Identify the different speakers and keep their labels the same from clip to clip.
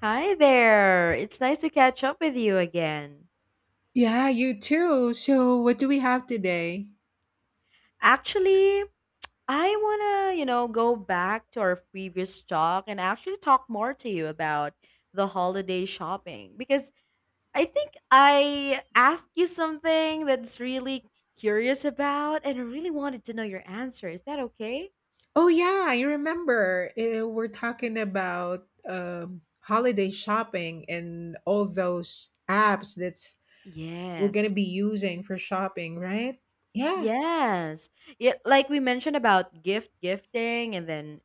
Speaker 1: Hi there. It's nice to catch up with you again.
Speaker 2: Yeah, you too. So, what do we have today?
Speaker 1: Actually, I want to, go back to our previous talk and actually talk more to you about the holiday shopping because I think I asked you something that's really curious about and I really wanted to know your answer. Is that okay?
Speaker 2: Oh, yeah, I remember. We're talking about holiday shopping and all those apps that's we're going to be
Speaker 1: Yes.
Speaker 2: using for shopping, right? Yeah.
Speaker 1: Yes. Yeah, like we mentioned about gift gifting and then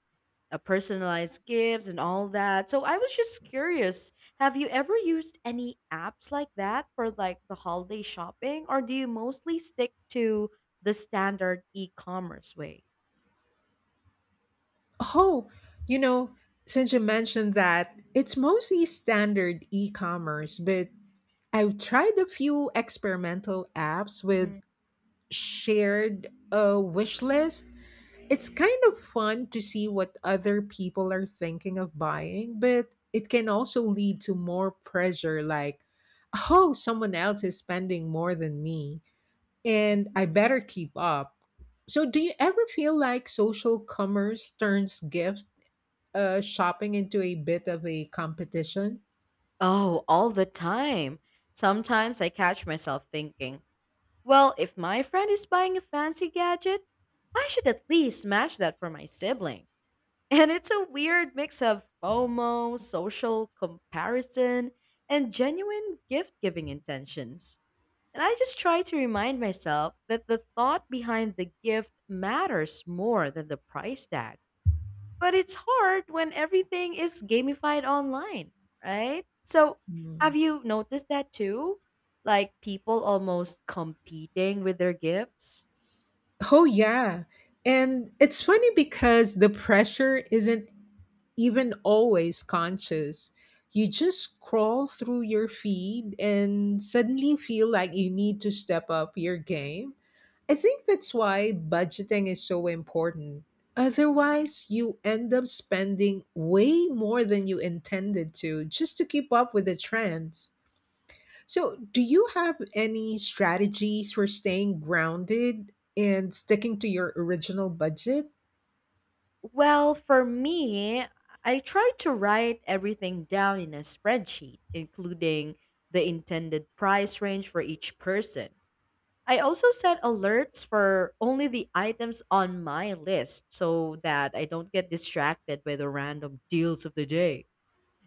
Speaker 1: personalized gifts and all that. So I was just curious, have you ever used any apps like that for like the holiday shopping or do you mostly stick to the standard e-commerce way?
Speaker 2: Oh, you know, since you mentioned that, it's mostly standard e commerce, but I've tried a few experimental apps with
Speaker 1: Mhm.
Speaker 2: shared wish list. It's kind of fun to see what other people are thinking of buying, but it can also lead to more pressure like, oh, someone else is spending more than me, and I
Speaker 1: Mhm.
Speaker 2: better keep up. So, do you ever feel like social commerce turns gift shopping into a bit of a competition?
Speaker 1: Oh, all the time. Sometimes I catch myself thinking, well, if my friend is buying a fancy gadget, I should at least match that for my sibling. And it's a weird mix of FOMO, social comparison, and genuine gift giving intentions. And I just try to remind myself that the thought behind the gift matters more than the price tag. But it's hard when everything is gamified online, right? So,
Speaker 2: Hmm.
Speaker 1: have you noticed that too? Like people almost competing with their gifts?
Speaker 2: Oh, yeah. And it's funny because the pressure isn't even always conscious. You just scroll through your feed and suddenly feel like you need to step up your game. I think that's why budgeting is so important. Otherwise, you end up spending way more than you intended to just to keep up with the trends. So, do you have any strategies for staying grounded and sticking to your original budget?
Speaker 1: Well, for me, I try to write everything down in a spreadsheet, including the intended price range for each person. I also set alerts for only the items on my list so that I don't get distracted by the random deals of the day.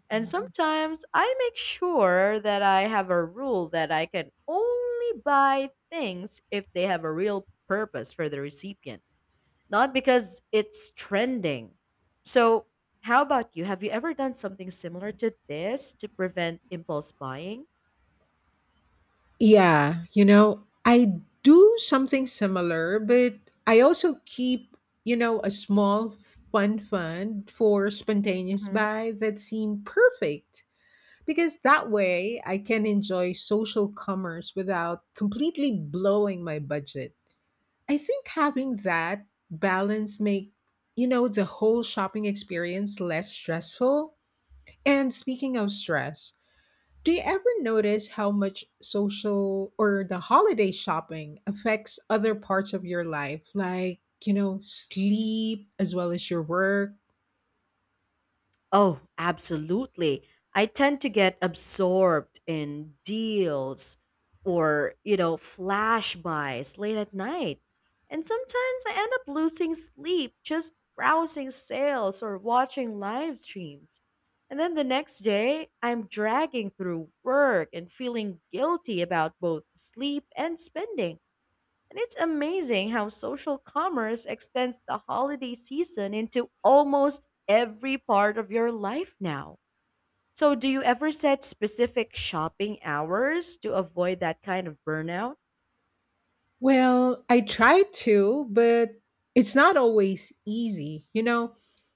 Speaker 1: And
Speaker 2: Mhm.
Speaker 1: sometimes I make sure that I have a rule that I can only buy things if they have a real purpose for the recipient not because it's trending. So, how about you? Have you ever done something similar to this to prevent impulse buying?
Speaker 2: Yeah, I do something similar, but I also keep, a small fun fund for spontaneous buy that seem perfect. Because that way I can enjoy social commerce without completely blowing my budget. I think having that balance make the whole shopping experience less stressful. And speaking of stress, do you ever notice how much social or the holiday shopping affects other parts of your life like, sleep as well as your work?
Speaker 1: Oh, absolutely. I tend to get absorbed in deals or, flash buys late at night. And sometimes I end up losing sleep just browsing sales or watching live streams. And then the next day, I'm dragging through work and feeling guilty about both sleep and spending. And it's amazing how social commerce extends the holiday season into almost every part of your life now. So, do you ever set specific shopping hours to avoid that kind of burnout?
Speaker 2: Well, I try to, but it's not always easy. You know,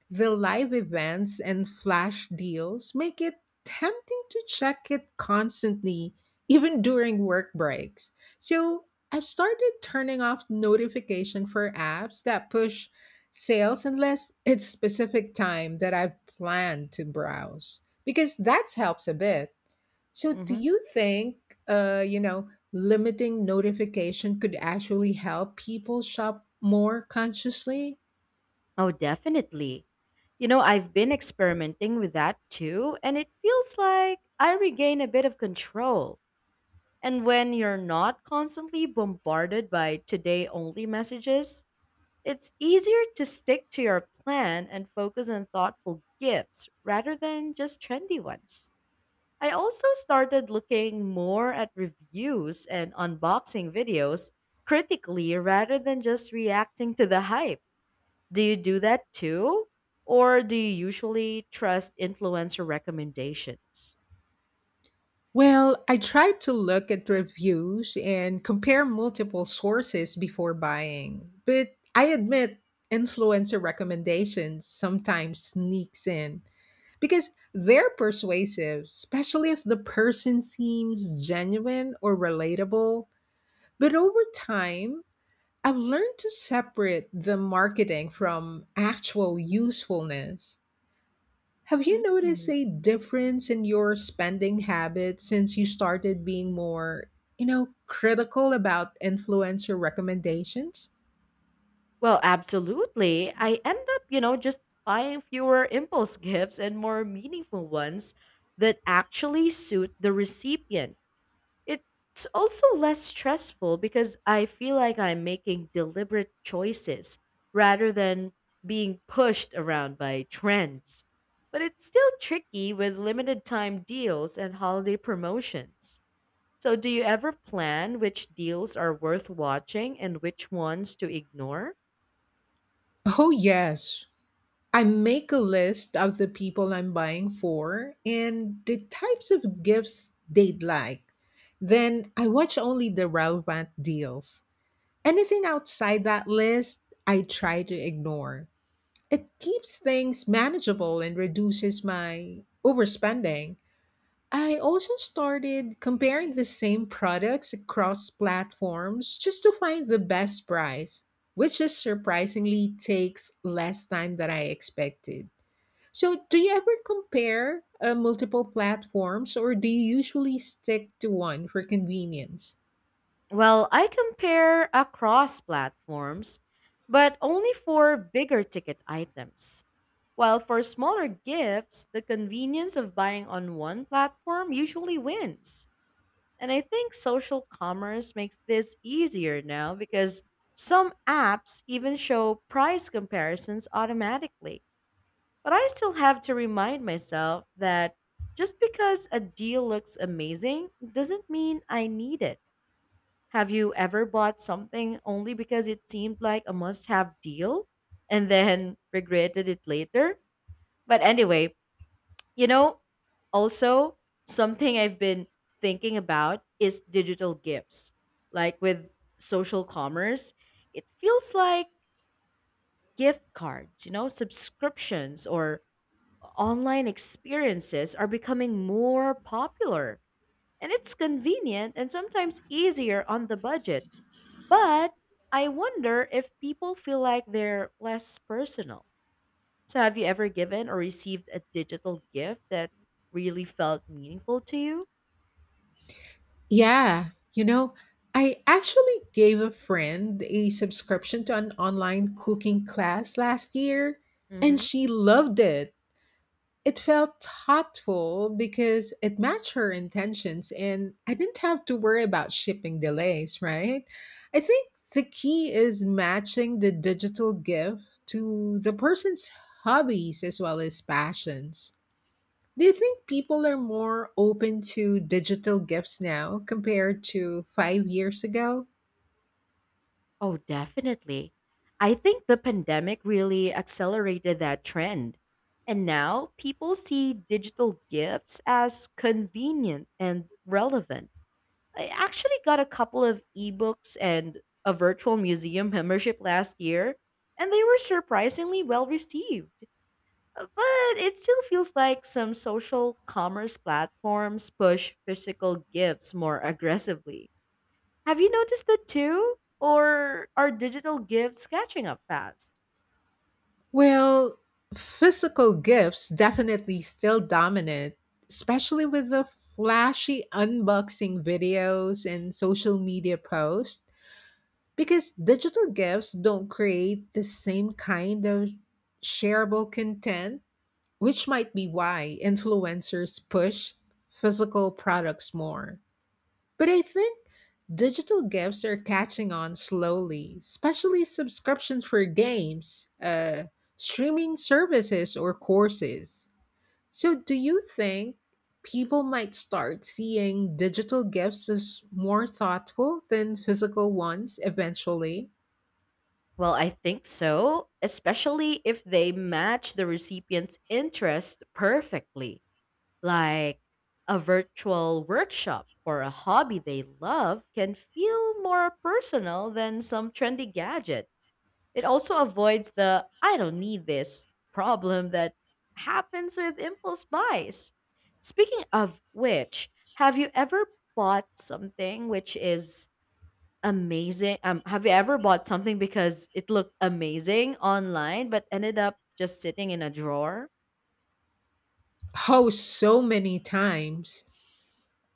Speaker 2: the live events and flash deals make it tempting to check it constantly, even during work breaks. So I've started turning off notification for apps that push sales unless it's specific time that I've planned to browse, because that helps a bit. So, do
Speaker 1: hmm
Speaker 2: you think, uh, you know, limiting notification could actually help people shop more consciously?
Speaker 1: Oh, definitely. I've been experimenting with that too, and it feels like I regain a bit of control. And when you're not constantly bombarded by today only messages, it's easier to stick to your plan and focus on thoughtful gifts rather than just trendy ones. I also started looking more at reviews and unboxing videos critically rather than just reacting to the hype. Do you do that too? Or do you usually trust influencer recommendations?
Speaker 2: Well, I tried to look at reviews and compare multiple sources before buying, but I admit influencer recommendations sometimes sneaks in because they're persuasive, especially if the person seems genuine or relatable. But over time, I've learned to separate the marketing from actual usefulness. Have you noticed
Speaker 1: Mm.
Speaker 2: a difference in your spending habits since you started being more, critical about influencer recommendations?
Speaker 1: Well, absolutely. I end up, just buying fewer impulse gifts and more meaningful ones that actually suit the recipient. It's also less stressful because I feel like I'm making deliberate choices rather than being pushed around by trends. But it's still tricky with limited time deals and holiday promotions. So, do you ever plan which deals are worth watching and which ones to ignore?
Speaker 2: Oh, yes. I make a list of the people I'm buying for and the types of gifts they'd like. Then I watch only the relevant deals. Anything outside that list, I try to ignore. It keeps things manageable and reduces my overspending. I also started comparing the same products across platforms just to find the best price, which is surprisingly takes less time than I expected. So, do you ever compare multiple platforms or do you usually stick to one for convenience?
Speaker 1: Well, I compare across platforms, but only for bigger ticket items. While for smaller gifts, the convenience of buying on one platform usually wins. And I think social commerce makes this easier now because some apps even show price comparisons automatically. But I still have to remind myself that just because a deal looks amazing doesn't mean I need it. Have you ever bought something only because it seemed like a must have deal and then regretted it later? But anyway, you know, also something I've been thinking about is digital gifts. Like with social commerce, it feels like gift cards, subscriptions or online experiences are becoming more popular and it's convenient and sometimes easier on the budget. But I wonder if people feel like they're less personal. So, have you ever given or received a digital gift that really felt meaningful to you?
Speaker 2: Yeah, I actually gave a friend a subscription to an online cooking class last year and
Speaker 1: hmm
Speaker 2: she loved it. It felt thoughtful because it matched her intentions and I didn't have to worry about shipping delays, right? I think the key is matching the digital gift to the person's hobbies as well as passions. Do you think people are more open to digital gifts now compared to 5 years ago?
Speaker 1: Oh, definitely. I think the pandemic really accelerated that trend. And now people see digital gifts as convenient and relevant. I actually got a couple of ebooks and a virtual museum membership last year, and they were surprisingly well received. But it still feels like some social commerce platforms push physical gifts more aggressively. Have you noticed that too? Or are digital gifts catching up fast?
Speaker 2: Well, physical gifts definitely still dominate, especially with the flashy unboxing videos and social media posts, because digital gifts don't create the same kind of shareable content, which might be why influencers push physical products more. But I think digital gifts are catching on slowly, especially subscriptions for games, streaming services, or courses. So, do you think people might start seeing digital gifts as more thoughtful than physical ones eventually?
Speaker 1: Well, I think so, especially if they match the recipient's interest perfectly. Like a virtual workshop for a hobby they love can feel more personal than some trendy gadget. It also avoids the I don't need this problem that happens with impulse buys. Speaking of which, have you ever bought something which is amazing? Have you ever bought something because it looked amazing online but ended up just sitting in a drawer?
Speaker 2: Oh, so many times.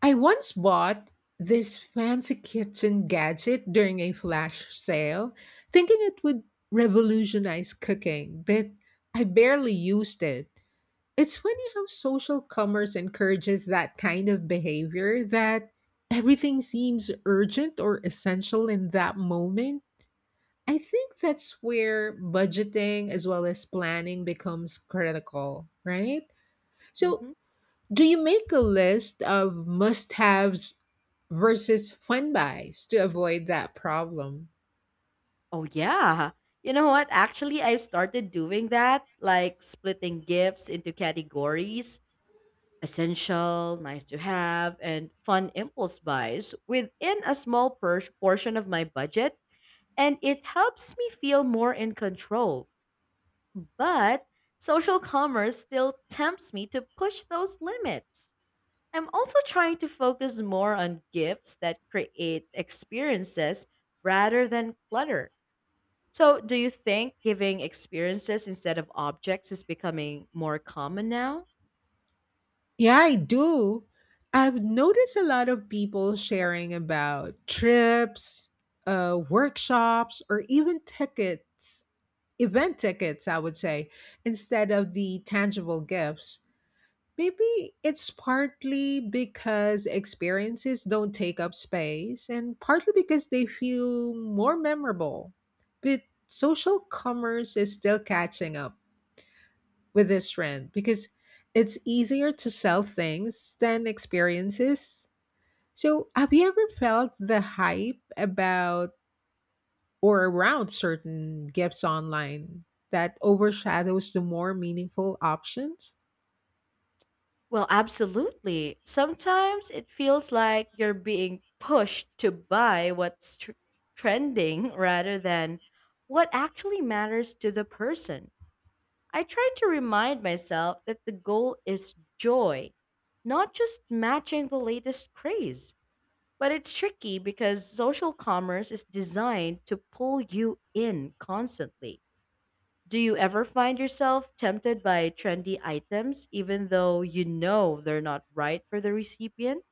Speaker 2: I once bought this fancy kitchen gadget during a flash sale, thinking it would revolutionize cooking, but I barely used it. It's funny how social commerce encourages that kind of behavior that everything seems urgent or essential in that moment. I think that's where budgeting as well as planning becomes critical, right? So,
Speaker 1: hmm
Speaker 2: do you make a list of must haves versus fun buys to avoid that problem?
Speaker 1: Oh, yeah. You know what? Actually, I've started doing that, like splitting gifts into categories essential, nice to have, and fun impulse buys within a small portion of my budget. And it helps me feel more in control. But social commerce still tempts me to push those limits. I'm also trying to focus more on gifts that create experiences rather than clutter. So, do you think giving experiences instead of objects is becoming more common now?
Speaker 2: Yeah, I do. I've noticed a lot of people sharing about trips, workshops, or even tickets, event tickets, I would say, instead of the tangible gifts. Maybe it's partly because experiences don't take up space and partly because they feel more memorable. But social commerce is still catching up with this trend because it's easier to sell things than experiences. So, have you ever felt the hype about or around certain gifts online that overshadows the more meaningful options?
Speaker 1: Well, absolutely. Sometimes it feels like you're being pushed to buy what's trending rather than what actually matters to the person. I try to remind myself that the goal is joy, not just matching the latest craze. But it's tricky because social commerce is designed to pull you in constantly. Do you ever find yourself tempted by trendy items even though you know they're not right for the recipient?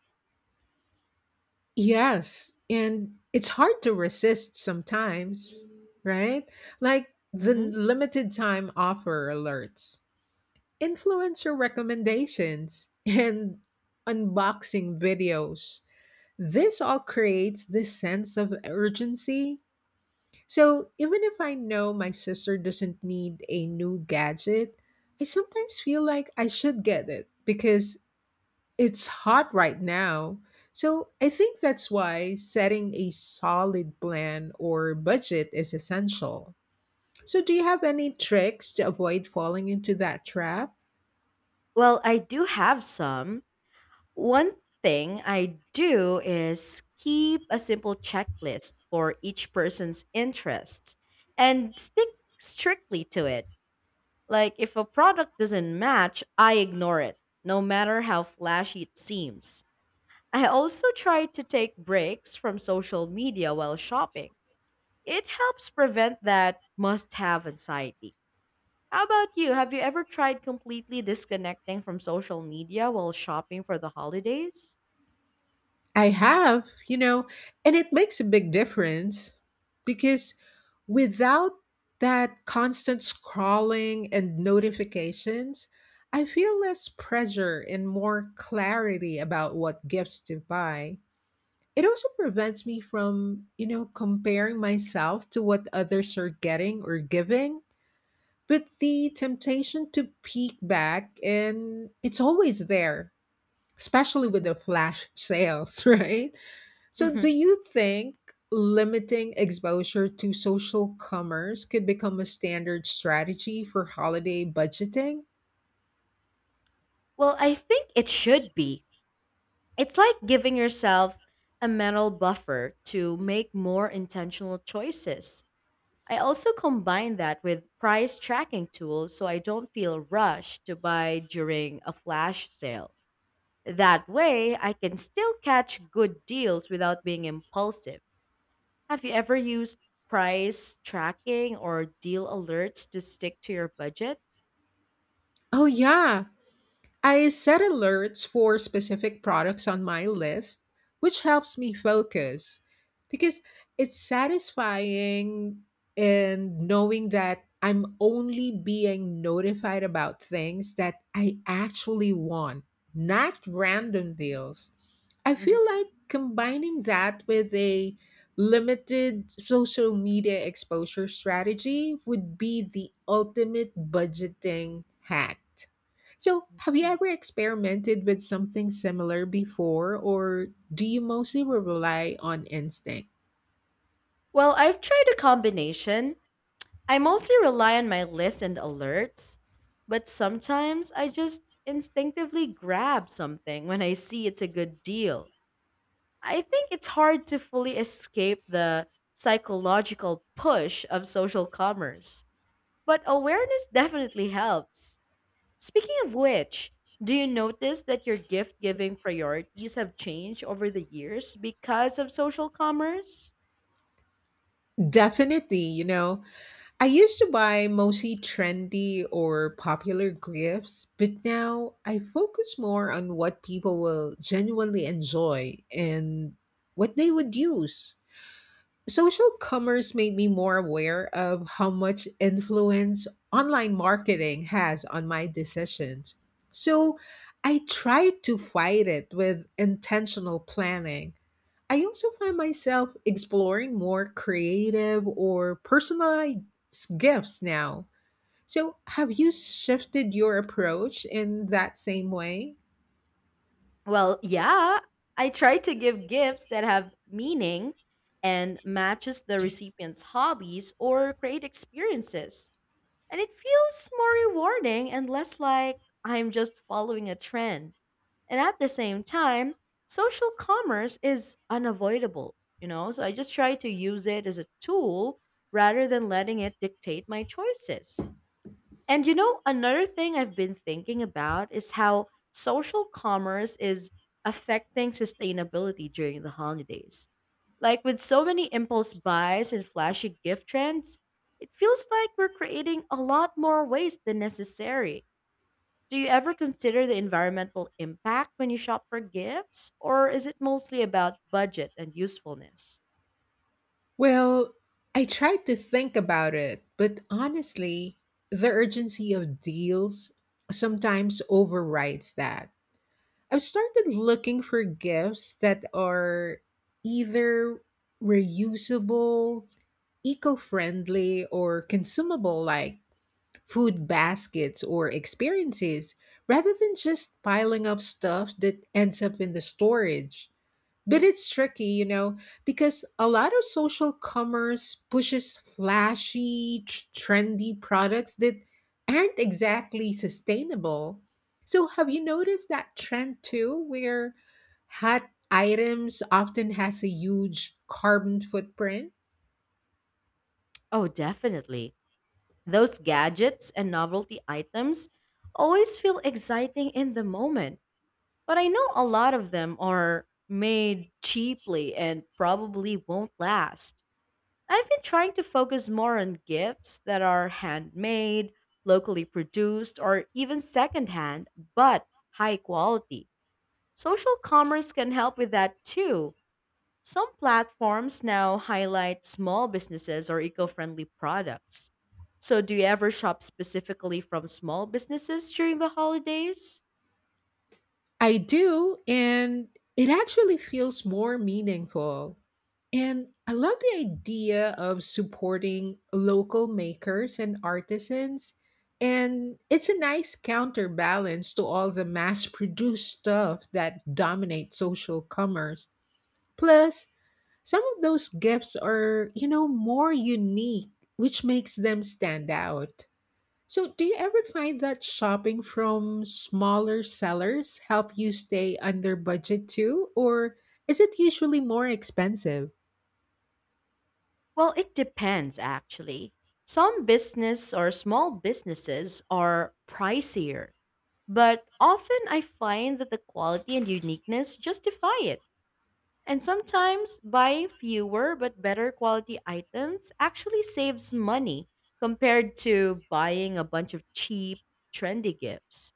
Speaker 2: Yes, and it's hard to resist sometimes, right? Like the
Speaker 1: hmm
Speaker 2: limited time offer alerts, influencer recommendations, and unboxing videos. This all creates this sense of urgency. So even if I know my sister doesn't need a new gadget, I sometimes feel like I should get it because it's hot right now. So I think that's why setting a solid plan or budget is essential. So, do you have any tricks to avoid falling into that trap?
Speaker 1: Well, I do have some. One thing I do is keep a simple checklist for each person's interests and stick strictly to it. Like, if a product doesn't match, I ignore it, no matter how flashy it seems. I also try to take breaks from social media while shopping. It helps prevent that must have anxiety. How about you? Have you ever tried completely disconnecting from social media while shopping for the holidays?
Speaker 2: I have, and it makes a big difference because without that constant scrolling and notifications, I feel less pressure and more clarity about what gifts to buy. It also prevents me from, comparing myself to what others are getting or giving. But the temptation to peek back and it's always there, especially with
Speaker 1: Mhm.
Speaker 2: the flash sales, right? So do
Speaker 1: Mhm.
Speaker 2: you think limiting exposure to social commerce could become a standard strategy for holiday budgeting?
Speaker 1: Well, I think it should be. It's like giving yourself a mental buffer to make more intentional choices. I also combine that with price tracking tools so I don't feel rushed to buy during a flash sale. That way, I can still catch good deals without being impulsive. Have you ever used price tracking or deal alerts to stick to your budget?
Speaker 2: Oh yeah, I set alerts for specific products on my list, which helps me focus because it's satisfying in knowing that I'm only being notified about things that I actually want, not random deals. I
Speaker 1: Mhm.
Speaker 2: feel like combining that with a limited social media exposure strategy would be the ultimate budgeting hack. So, have you
Speaker 1: Mhm.
Speaker 2: ever experimented with something similar before, or do you mostly rely on instinct?
Speaker 1: Well, I've tried a combination. I mostly rely on my list and alerts, but sometimes I just instinctively grab something when I see it's a good deal. I think it's hard to fully escape the psychological push of social commerce. But awareness definitely helps. Speaking of which, do you notice that your gift giving priorities have changed over the years because of social commerce?
Speaker 2: Definitely, I used to buy mostly trendy or popular gifts, but now I focus more on what people will genuinely enjoy and what they would use. Social commerce made me more aware of how much influence online marketing has on my decisions. So I try to fight it with intentional planning. I also find myself exploring more creative or personalized gifts now. So have you shifted your approach in that same way?
Speaker 1: Well, yeah, I try to give gifts that have meaning and matches the recipient's hobbies or create experiences. And it feels more rewarding and less like I'm just following a trend. And at the same time, social commerce is unavoidable, you know? So I just try to use it as a tool rather than letting it dictate my choices. And you know, another thing I've been thinking about is how social commerce is affecting sustainability during the holidays. Like with so many impulse buys and flashy gift trends, it feels like we're creating a lot more waste than necessary. Do you ever consider the environmental impact when you shop for gifts? Or is it mostly about budget and usefulness?
Speaker 2: Well, I tried to think about it, but honestly, the urgency of deals sometimes overrides that. I've started looking for gifts that are either reusable, eco friendly, or consumable, like food baskets or experiences, rather than just piling up stuff that ends up in the storage. But it's tricky, because a lot of social commerce pushes flashy, trendy products that aren't exactly sustainable. So, have you noticed that trend too, where hot items often has a huge carbon footprint?
Speaker 1: Oh, definitely. Those gadgets and novelty items always feel exciting in the moment. But I know a lot of them are made cheaply and probably won't last. I've been trying to focus more on gifts that are handmade, locally produced, or even secondhand, but high quality. Social commerce can help with that too. Some platforms now highlight small businesses or eco friendly products. So, do you ever shop specifically from small businesses during the holidays?
Speaker 2: I do, and it actually feels more meaningful. And I love the idea of supporting local makers and artisans. And it's a nice counterbalance to all the mass produced stuff that dominates social commerce. Plus, some of those gifts are, more unique, which makes them stand out. So, do you ever find that shopping from smaller sellers help you stay under budget too, or is it usually more expensive?
Speaker 1: Well, it depends actually. Some business or small businesses are pricier, but often I find that the quality and uniqueness justify it. And sometimes buying fewer but better quality items actually saves money compared to buying a bunch of cheap, trendy gifts.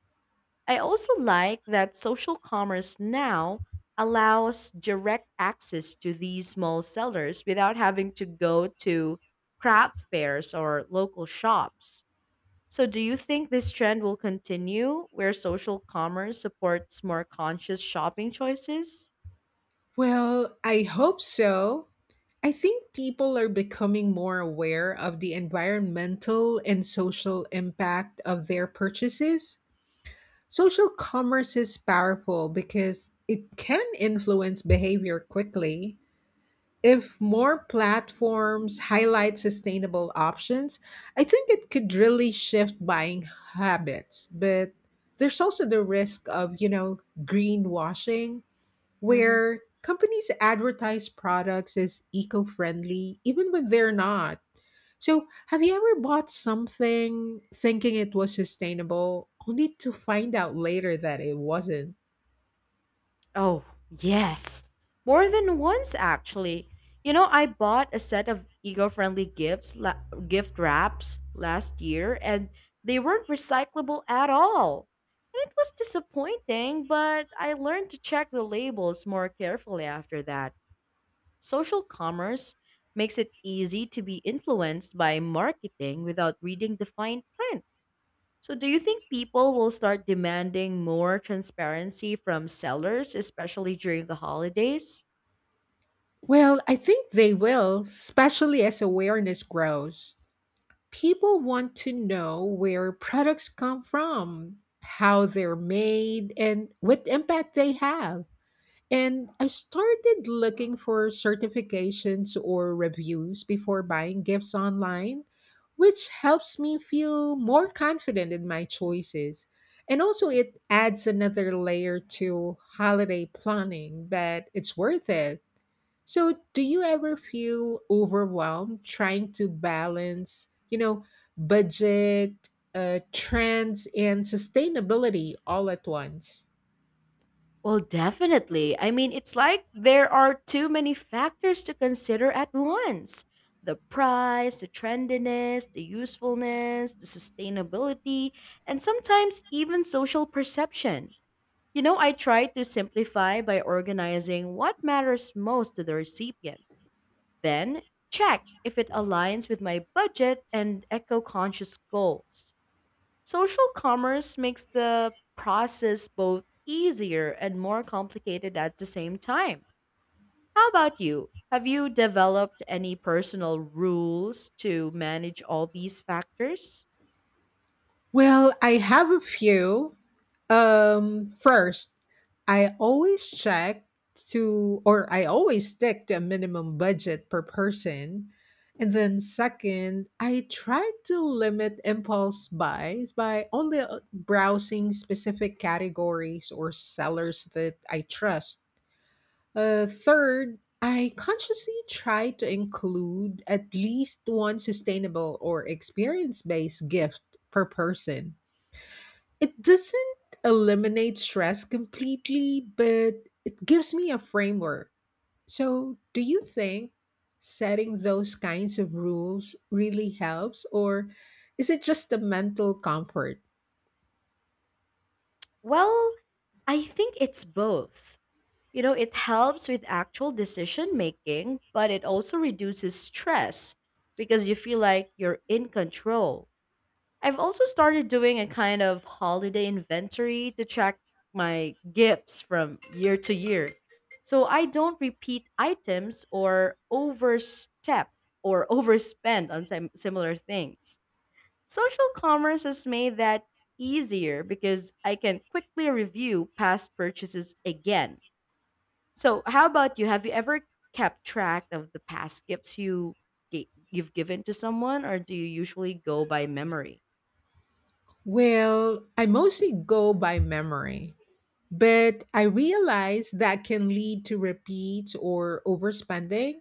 Speaker 1: I also like that social commerce now allows direct access to these small sellers without having to go to craft fairs or local shops. So, do you think this trend will continue where social commerce supports more conscious shopping choices?
Speaker 2: Well, I hope so. I think people are becoming more aware of the environmental and social impact of their purchases. Social commerce is powerful because it can influence behavior quickly. If more platforms highlight sustainable options, I think it could really shift buying habits. But there's also the risk of, greenwashing,
Speaker 1: hmm
Speaker 2: where companies advertise products as eco friendly, even when they're not. So, have you ever bought something thinking it was sustainable, only to find out later that it wasn't?
Speaker 1: Oh, yes. More than once, actually. I bought a set of eco-friendly gifts, gift wraps last year, and they weren't recyclable at all. And it was disappointing, but I learned to check the labels more carefully after that. Social commerce makes it easy to be influenced by marketing without reading the fine print. So, do you think people will start demanding more transparency from sellers, especially during the holidays?
Speaker 2: Well, I think they will, especially as awareness grows. People want to know where products come from, how they're made, and what impact they have. And I've started looking for certifications or reviews before buying gifts online, which helps me feel more confident in my choices. And also, it adds another layer to holiday planning, but it's worth it. So, do you ever feel overwhelmed trying to balance, budget, trends, and sustainability all at once?
Speaker 1: Well, definitely. I mean, it's like there are too many factors to consider at once the price, the trendiness, the usefulness, the sustainability, and sometimes even social perception. I try to simplify by organizing what matters most to the recipient. Then check if it aligns with my budget and eco conscious goals. Social commerce makes the process both easier and more complicated at the same time. How about you? Have you developed any personal rules to manage all these factors?
Speaker 2: Well, I have a few. First, I always check to, or I always stick to a minimum budget per person. And then, second, I try to limit impulse buys by only browsing specific categories or sellers that I trust. Third, I consciously try to include at least one sustainable or experience based gift per person. It doesn't eliminate stress completely, but it gives me a framework. So, do you think setting those kinds of rules really helps, or is it just a mental comfort?
Speaker 1: Well, I think it's both. It helps with actual decision making, but it also reduces stress because you feel like you're in control. I've also started doing a kind of holiday inventory to track my gifts from year to year so I don't repeat items or overstep or overspend on similar things. Social commerce has made that easier because I can quickly review past purchases again. So, how about you? Have you ever kept track of the past gifts you you've given to someone or do you usually go by memory?
Speaker 2: Well, I mostly go by memory, but I realize that can lead to repeats or overspending.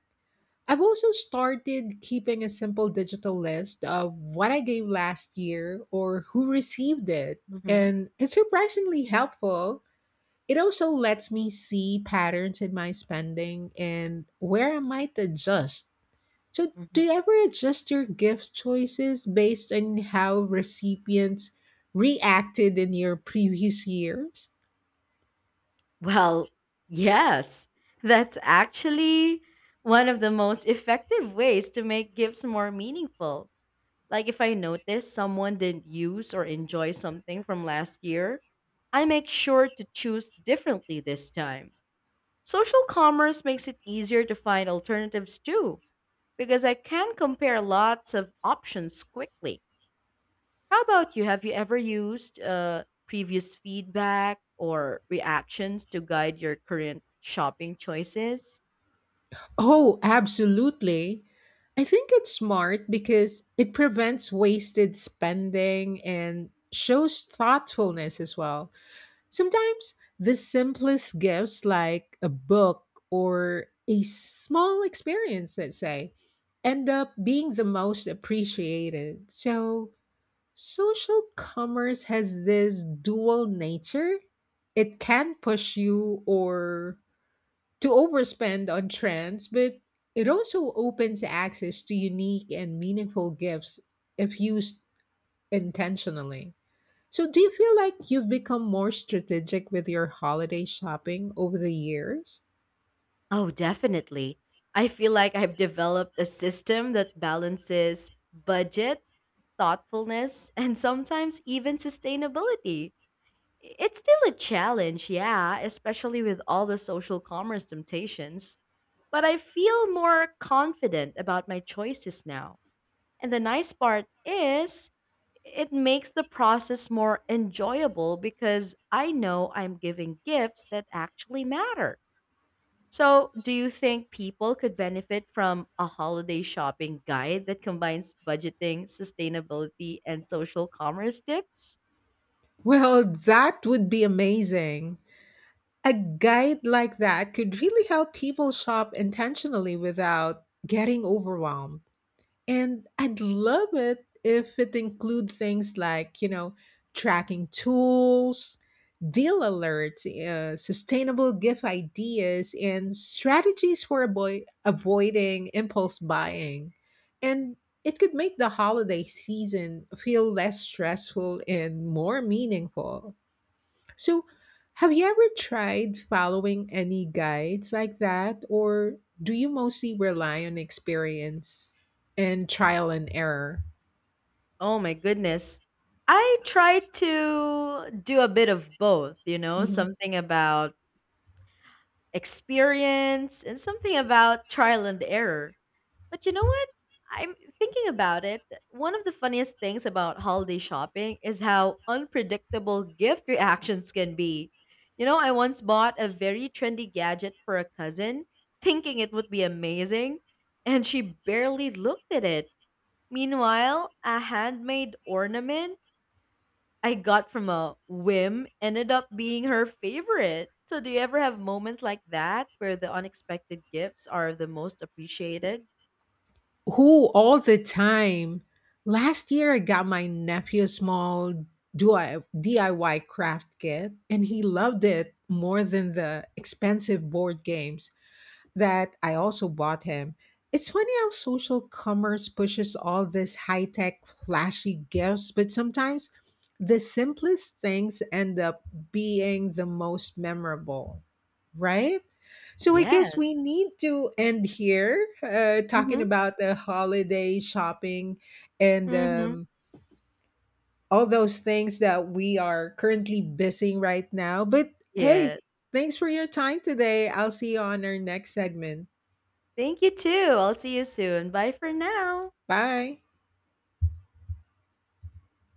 Speaker 2: I've also started keeping a simple digital list of what I gave last year or who received it,
Speaker 1: hmm
Speaker 2: and it's surprisingly helpful. It also lets me see patterns in my spending and where I might adjust. So, do
Speaker 1: Mhm.
Speaker 2: you ever adjust your gift choices based on how recipients reacted in your previous years?
Speaker 1: Well, yes, that's actually one of the most effective ways to make gifts more meaningful. Like if I notice someone didn't use or enjoy something from last year, I make sure to choose differently this time. Social commerce makes it easier to find alternatives too, because I can compare lots of options quickly. How about you? Have you ever used previous feedback or reactions to guide your current shopping choices?
Speaker 2: Oh, absolutely. I think it's smart because it prevents wasted spending and shows thoughtfulness as well. Sometimes the simplest gifts, like a book or a small experience, let's say, end up being the most appreciated. So, social commerce has this dual nature it can push you or to overspend on trends, but it also opens access to unique and meaningful gifts if used intentionally. So, do you feel like you've become more strategic with your holiday shopping over the years?
Speaker 1: Oh, definitely. I feel like I've developed a system that balances budget, thoughtfulness, and sometimes even sustainability. It's still a challenge, yeah, especially with all the social commerce temptations, but I feel more confident about my choices now. And the nice part is, it makes the process more enjoyable because I know I'm giving gifts that actually matter. So, do you think people could benefit from a holiday shopping guide that combines budgeting, sustainability, and social commerce tips?
Speaker 2: Well, that would be amazing. A guide like that could really help people shop intentionally without getting overwhelmed. And I'd love it if it include things like, tracking tools, deal alerts, sustainable gift ideas, and strategies for avoiding impulse buying. And it could make the holiday season feel less stressful and more meaningful. So, have you ever tried following any guides like that, or do you mostly rely on experience and trial and error?
Speaker 1: Oh my goodness. I try to do a bit of both,
Speaker 2: Mhm.
Speaker 1: something about experience and something about trial and error. But you know what? I'm thinking about it. One of the funniest things about holiday shopping is how unpredictable gift reactions can be. I once bought a very trendy gadget for a cousin, thinking it would be amazing, and she barely looked at it. Meanwhile, a handmade ornament I got from a whim ended up being her favorite. So, do you ever have moments like that where the unexpected gifts are the most appreciated?
Speaker 2: Who all the time? Last year, I got my nephew a small DIY craft kit, and he loved it more than the expensive board games. That I also bought him. It's funny how social commerce pushes all this high tech, flashy gifts, but sometimes the simplest things end up being the most memorable, right? So I guess we
Speaker 1: Yes.
Speaker 2: need to end here talking
Speaker 1: Mhm,
Speaker 2: about the holiday shopping and
Speaker 1: mhm.
Speaker 2: all those things that we are currently busy right now. But
Speaker 1: Yes.
Speaker 2: hey, thanks for your time today. I'll see you on our next segment.
Speaker 1: Thank you too. I'll see you soon. Bye for now.
Speaker 2: Bye.